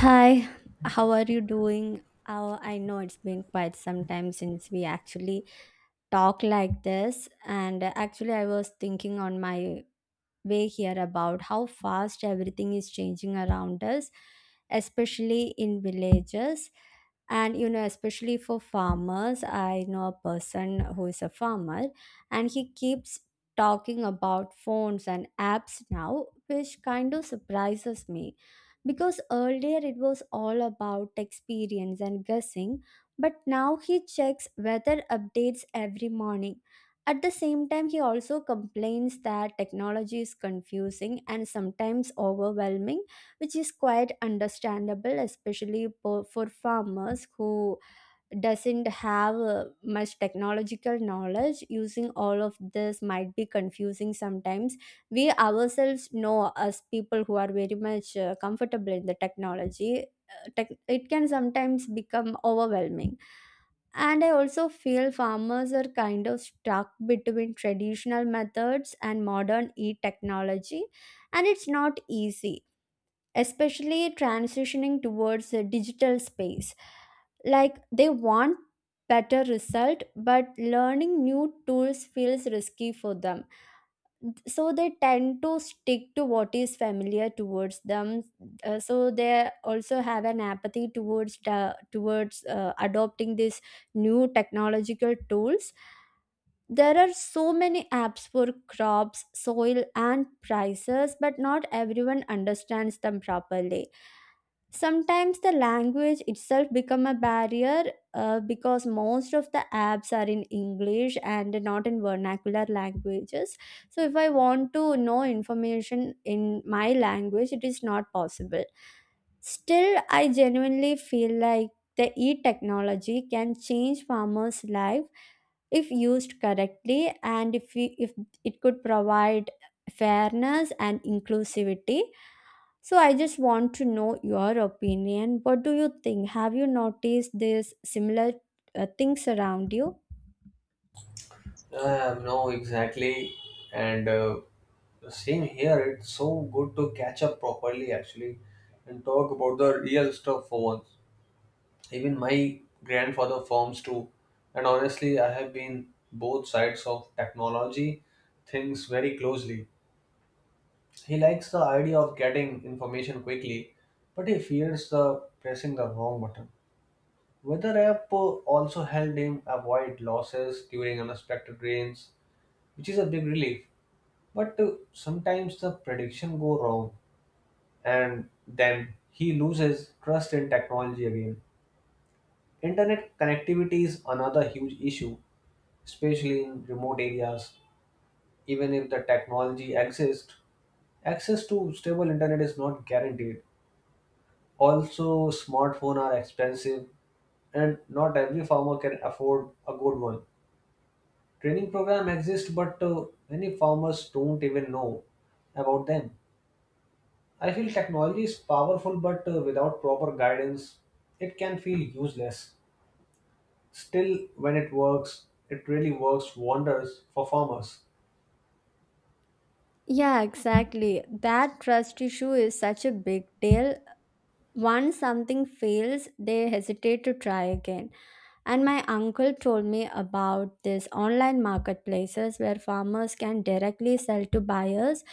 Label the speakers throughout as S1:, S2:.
S1: Hi, how are you doing? Oh, I know it's been quite some time since we actually talked like this, and actually, I was thinking on my way here about how fast everything is changing around us, especially in villages. And especially for farmers, I know a person who is a farmer and he keeps talking about phones and apps now, which kind of surprises me because earlier it was all about experience and guessing, but now he checks weather updates every morning. At the same time, he also complains that technology is confusing and sometimes overwhelming, which is quite understandable, especially for farmers who doesn't have much technological knowledge. Using all of this might be confusing sometimes. We ourselves know, as people who are very much comfortable in the technology tech, it can sometimes become overwhelming. And I also feel farmers are kind of stuck between traditional methods and modern e technology and it's not easy, especially transitioning towards a digital space. Like, they want better result, but learning new tools feels risky for them, so they tend to stick to what is familiar towards them. So they also have an apathy towards adopting these new technological tools. There are so many apps for crops, soil and prices, but not everyone understands them properly. Sometimes the language itself become a barrier, because most of the apps are in English and not in vernacular languages. So if I want to know information in my language, it is not possible. Still, I genuinely feel like the e-technology can change farmers' life if used correctly, and if it could provide fairness and inclusivity. So I just want to know your opinion. What do you think? Have you noticed this similar things around you?
S2: No, exactly. And Same here, it's so good to catch up properly actually and talk about the real stuff for once. Even my grandfather farms too. And honestly, I have been both sides of technology things very closely. He likes the idea of getting information quickly, but he fears the pressing the wrong button. Weather app also helped him avoid losses during unexpected rains, which is a big relief. But sometimes the prediction go wrong and then he loses trust in technology again. Internet connectivity is another huge issue, especially in remote areas. Even if the technology exists, access to stable internet is not guaranteed. Also, smartphones are expensive and not every farmer can afford a good one. Training program exist, but many farmers don't even know about them. I feel technology is powerful, but without proper guidance, it can feel useless. Still, when it works, it really works wonders for farmers.
S1: Yeah, exactly. That trust issue is such a big deal. Once something fails, they hesitate to try again. And my uncle told me about this online marketplaces where farmers can directly sell to buyers.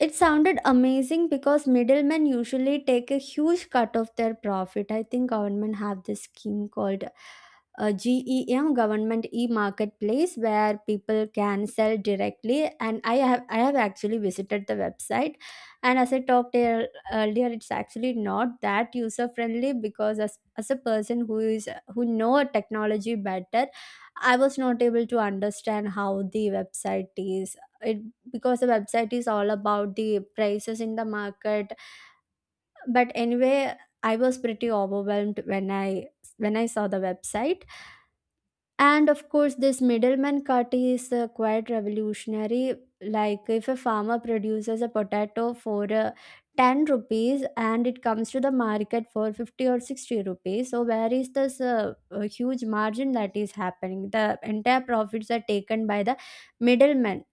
S1: It sounded amazing because middlemen usually take a huge cut of their profit. I think government have this scheme called GEM, Government E Marketplace, where people can sell directly. And I have actually visited the website, and as I talked earlier, it's actually not that user friendly, because as a person who is who know technology better, I was not able to understand how the website is it, because the website is all about the prices in the market. But anyway, I was pretty overwhelmed when I saw the website. And of course this middleman cut is quite revolutionary. Like, if a farmer produces a potato for 10 rupees and it comes to the market for 50 or 60 rupees, so where is this huge margin that is happening? The entire profits are taken by the middleman,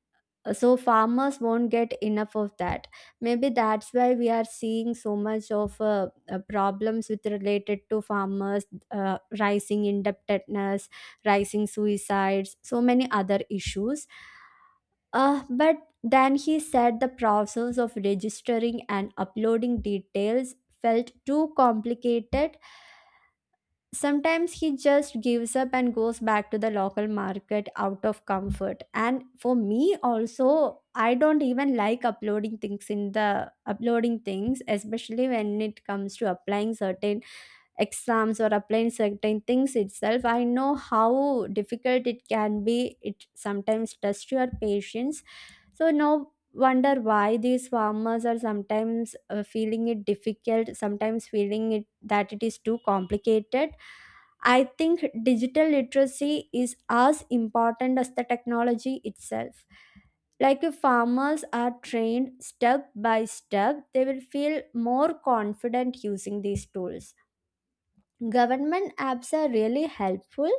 S1: so farmers won't get enough of that. Maybe that's why we are seeing so much of problems with related to farmers: rising indebtedness, rising suicides, so many other issues. But then he said the process of registering and uploading details felt too complicated. Sometimes he just gives up and goes back to the local market out of comfort. And for me also, I don't even like uploading things, especially when it comes to applying certain exams or applying certain things itself. I know how difficult it can be. It sometimes tests your patience. So no wonder why these farmers are sometimes feeling it difficult, sometimes feeling it that it is too complicated. I think digital literacy is as important as the technology itself. Like, if farmers are trained step by step, they will feel more confident using these tools. Government apps are really helpful,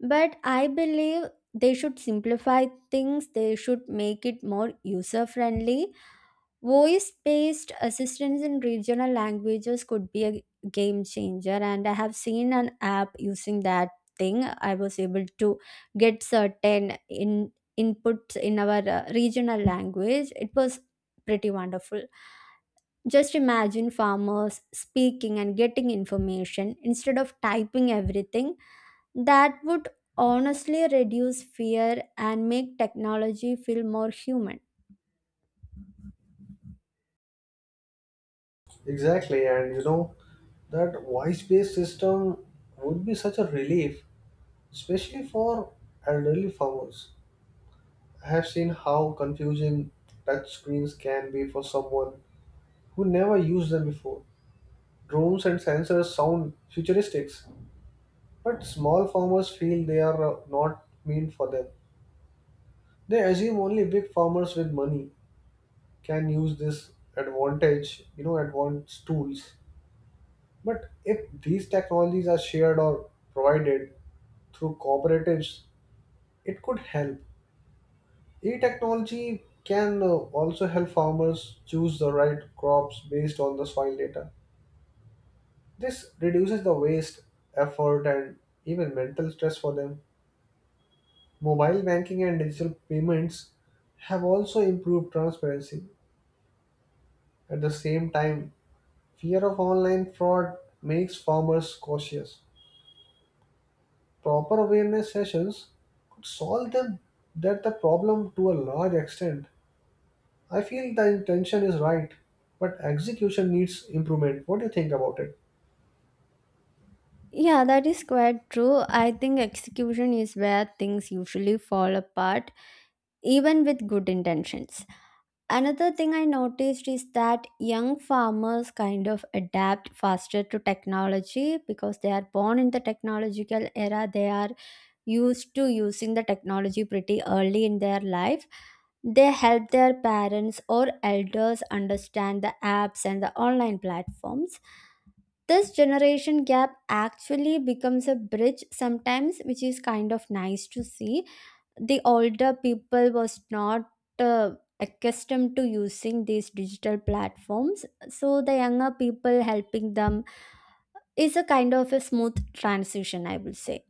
S1: but I believe they should simplify things, they should make it more user friendly. Voice based assistance in regional languages could be a game changer, and I have seen an app using that thing. I was able to get certain in inputs in our regional language. It was pretty wonderful. Just imagine farmers speaking and getting information instead of typing everything. That would honestly reduce fear and make technology feel more human.
S2: Exactly, and you know that voice-based system would be such a relief, especially for elderly farmers. I have seen how confusing touch screens can be for someone who never used them before. Drones and sensors sound futuristic, but small farmers feel they are not mean for them. They assume only big farmers with money can use this advanced tools. But if these technologies are shared or provided through cooperatives, it could help. E technology can also help farmers choose the right crops based on the soil data. This reduces the waste, effort, and even mental stress for them. Mobile banking and digital payments have also improved transparency. At the same time, fear of online fraud makes farmers cautious. Proper awareness sessions could solve them that the problem to a large extent. I feel the intention is right, but execution needs improvement. What do you think about it?
S1: Yeah, that is quite true. I think execution is where things usually fall apart, even with good intentions. Another thing I noticed is that young farmers kind of adapt faster to technology because they are born in the technological era. They are used to using the technology pretty early in their life. They help their parents or elders understand the apps and the online platforms. This generation gap actually becomes a bridge sometimes, which is kind of nice to see. The older people was not uh, accustomed to using these digital platforms, so the younger people helping them is a kind of a smooth transition, I will say.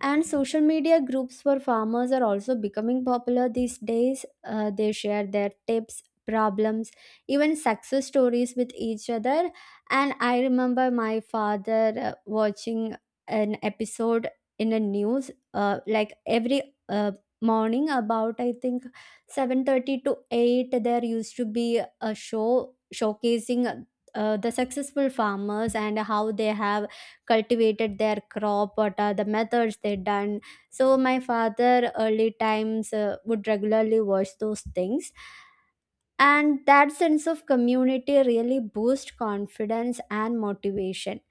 S1: And social media groups for farmers are also becoming popular these days. They share their tips, problems, even success stories with each other. And I remember my father watching an episode in the news, like every morning, about I think 7:30 to 8. There used to be a show showcasing the successful farmers and how they have cultivated their crop, what are the methods they done. So my father early times would regularly watch those things, and that sense of community really boosts confidence and motivation.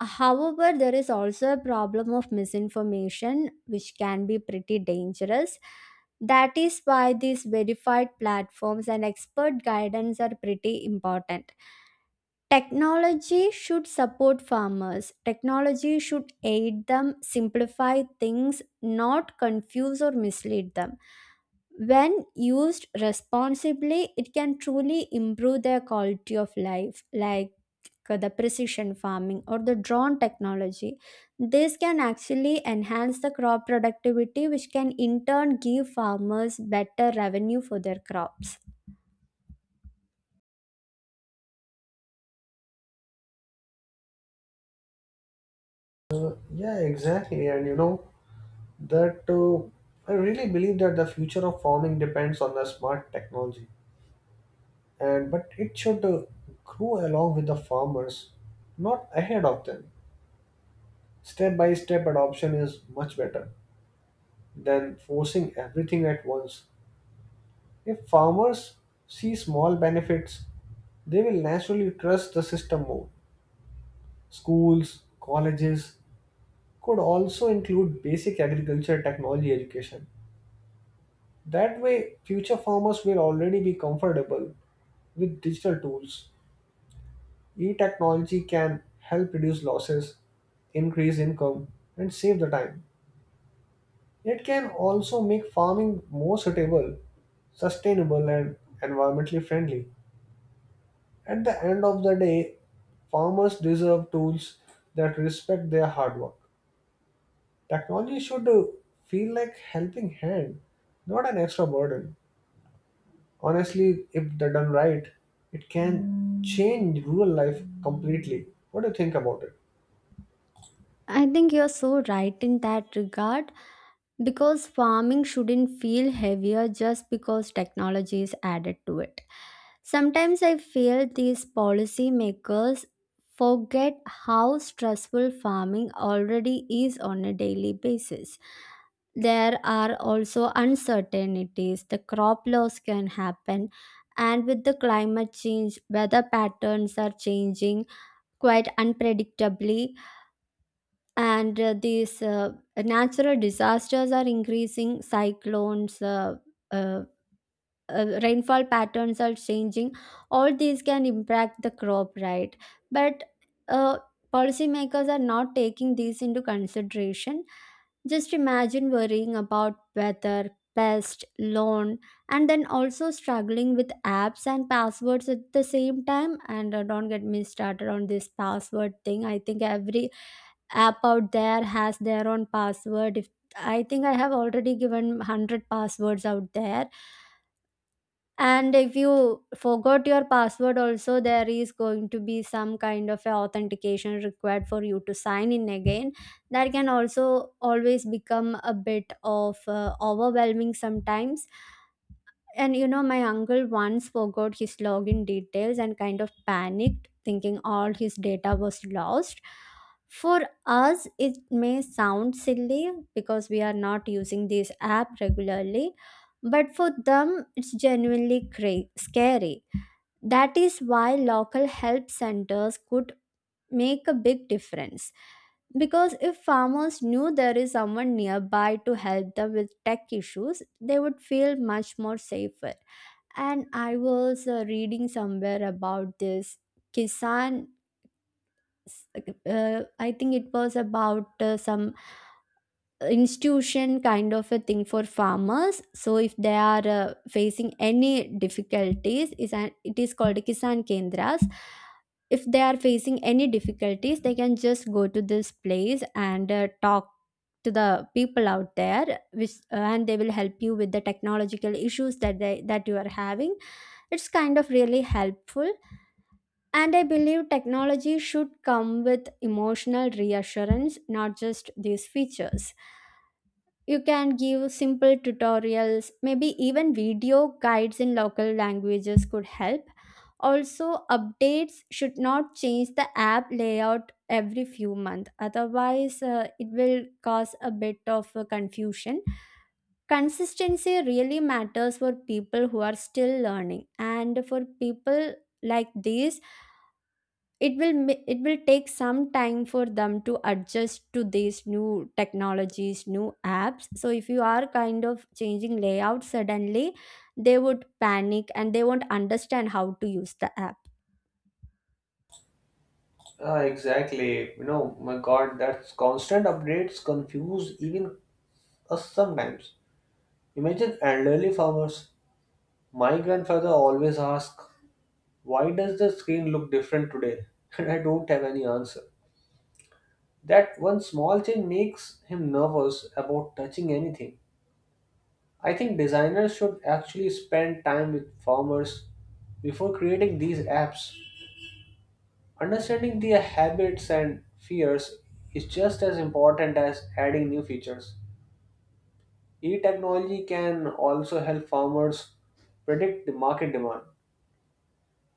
S1: However, there is also a problem of misinformation, which can be pretty dangerous. That is why these verified platforms and expert guidance are pretty important. Technology should support farmers. Technology should aid them, simplify things, not confuse or mislead them. When used responsibly, it can truly improve their quality of life, like the precision farming or the drone technology. This can actually enhance the crop productivity, which can in turn give farmers better revenue for their crops.
S2: Yeah, exactly. And you know that I really believe that the future of farming depends on the smart technology. And but it should grow along with the farmers, not ahead of them. Step by step adoption is much better than forcing everything at once. If farmers see small benefits, they will naturally trust the system more. Schools, colleges could also include basic agriculture technology education. That way future farmers will already be comfortable with digital tools. E-technology can help reduce losses, increase income, and save the time. It can also make farming more suitable, sustainable, and environmentally friendly. At the end of the day, farmers deserve tools that respect their hard work. Technology should feel like helping hand, not an extra burden. Honestly, if they're done right, it can change rural life completely. What do you think about it?
S1: I think you're so right in that regard, because farming shouldn't feel heavier just because technology is added to it. Sometimes I feel these policymakers forget how stressful farming already is on a daily basis. There are also uncertainties, the crop loss can happen, and with the climate change, weather patterns are changing quite unpredictably, and these natural disasters are increasing: cyclones, uh, rainfall patterns are changing. All these can impact the crop, right? But uh, policymakers are not taking these into consideration. Just imagine worrying about weather, pest, loan, and then also struggling with apps and passwords at the same time. And don't get me started on this password thing. I think every app out there has their own password. If I think I have already given 100 passwords out there, and if you forgot your password also, there is going to be some kind of a authentication required for you to sign in again. That can also always become a bit of overwhelming sometimes. And you know, my uncle once forgot his login details and kind of panicked, thinking all his data was lost. For us, it may sound silly because we are not using this app regularly, but for them, it's genuinely scary. That is why local help centers could make a big difference, because if farmers knew there is someone nearby to help them with tech issues, they would feel much more safer. And I was reading somewhere about this Kisan. I think it was about some institution kind of a thing for farmers, so if they are facing any difficulties is an it is called kisan kendras. If they are facing any difficulties, they can just go to this place and talk to the people out there, which and they will help you with the technological issues that you are having. It's kind of really helpful. And I believe technology should come with emotional reassurance, not just these features. You can give simple tutorials, maybe even video guides in local languages could help. Also, updates should not change the app layout every few months, otherwise, it will cause a bit of confusion. Consistency really matters for people who are still learning, and for people like these, it will take some time for them to adjust to these new technologies, new apps. So if you are kind of changing layout suddenly, they would panic and they won't understand how to use the app.
S2: Ah, exactly. You know, my God, that's constant updates confuse even us sometimes. Imagine elderly farmers. My grandfather always asks, "Why does the screen look different today?" And I don't have any answer. That one small change makes him nervous about touching anything. I think designers should actually spend time with farmers before creating these apps. Understanding their habits and fears is just as important as adding new features. E-technology can also help farmers predict the market demand.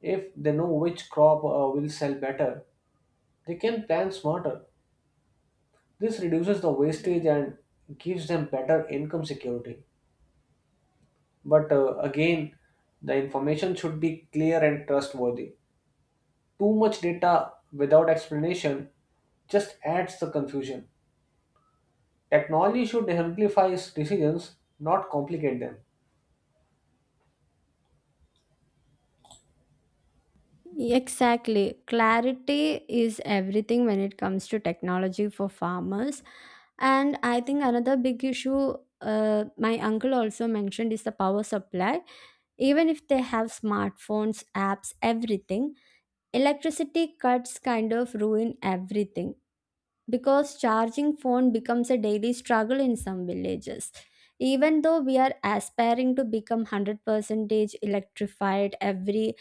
S2: If they know which crop will sell better, they can plan smarter. This reduces the wastage and gives them better income security. But again, the information should be clear and trustworthy. Too much data without explanation just adds the confusion. Technology should amplify decisions, not complicate them.
S1: Exactly, clarity is everything when it comes to technology for farmers. And I think another big issue, my uncle also mentioned, is the power supply. Even if they have smartphones, apps, everything, electricity cuts kind of ruin everything, because charging phone becomes a daily struggle in some villages. Even though we are aspiring to become 100% electrified, every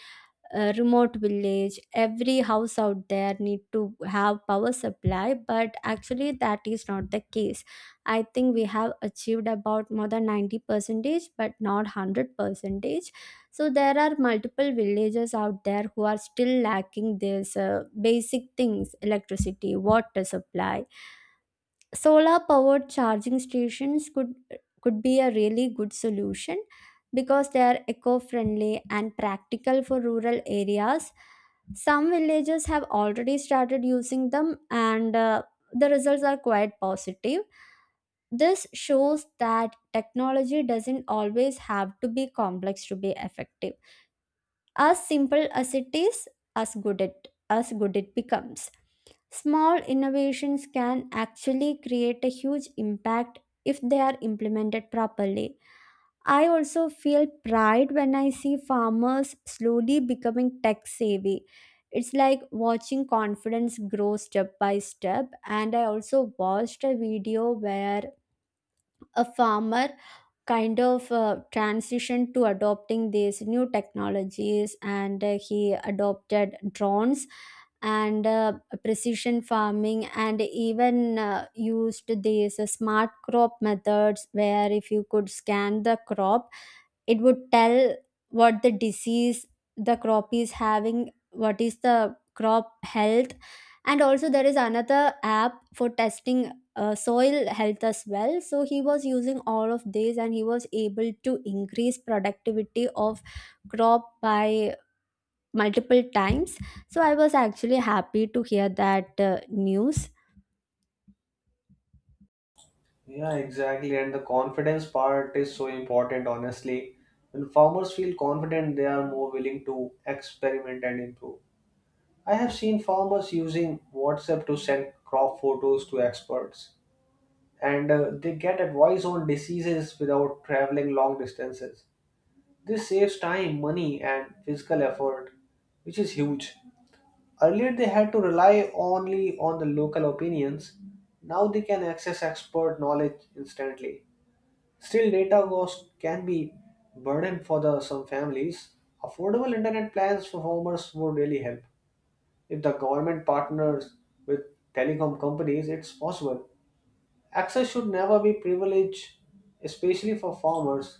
S1: remote village, every house out there need to have power supply, but actually that is not the case. I think we have achieved about more than 90 percentage but not 100 percentage. So there are multiple villages out there who are still lacking this basic things: electricity, water supply. Solar powered charging stations could be a really good solution, because they are eco friendly and practical for rural areas. Some villages have already started using them, and the results are quite positive. This shows that technology doesn't always have to be complex to be effective. As simple as it is, as good it becomes. Small innovations can actually create a huge impact if they are implemented properly. I also feel pride when I see farmers slowly becoming tech savvy. It's like watching confidence grow step by step. And I also watched a video where a farmer kind of transition to adopting these new technologies, and he adopted drones and precision farming, and even used these smart crop methods, where if you could scan the crop it would tell what the disease the crop is having, what is the crop health. And also there is another app for testing soil health as well. So he was using all of these and he was able to increase productivity of crop by multiple times. So I was actually happy to hear that news.
S2: Yeah, exactly. And the confidence part is so important, honestly. When farmers feel confident, they are more willing to experiment and improve. I have seen farmers using WhatsApp to send crop photos to experts, and they get advice on diseases without traveling long distances. This saves time, money, and physical effort, which is huge. Earlier, they had to rely only on the local opinions. Now they can access expert knowledge instantly. Still, data cost can be burden for the some families. Affordable internet plans for farmers would really help. If the government partners with telecom companies, it's possible. Access should never be privileged, especially for farmers.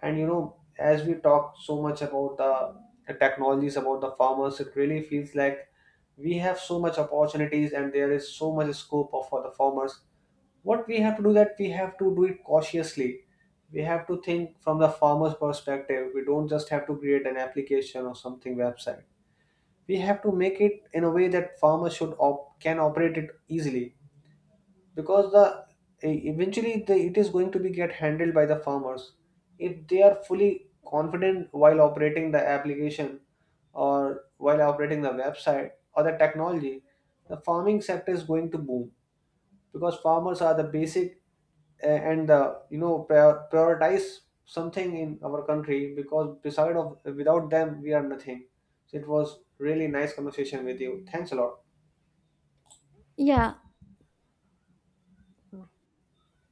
S2: And you know, as we talk so much about the technologies about the farmers, it really feels like we have so much opportunities and there is so much scope for the farmers. What we have to do, that we have to do it cautiously. We have to think from the farmer's perspective. We don't just have to create an application or something website. We have to make it in a way that farmers can operate it easily, because the eventually it is going to be get handled by the farmers. If they are fully confident while operating the application or while operating the website or the technology, the farming sector is going to boom, because farmers are the basic and you know, prioritize something in our country, because beside of without them we are nothing. So it was really nice conversation with you, thanks a lot.
S1: Yeah.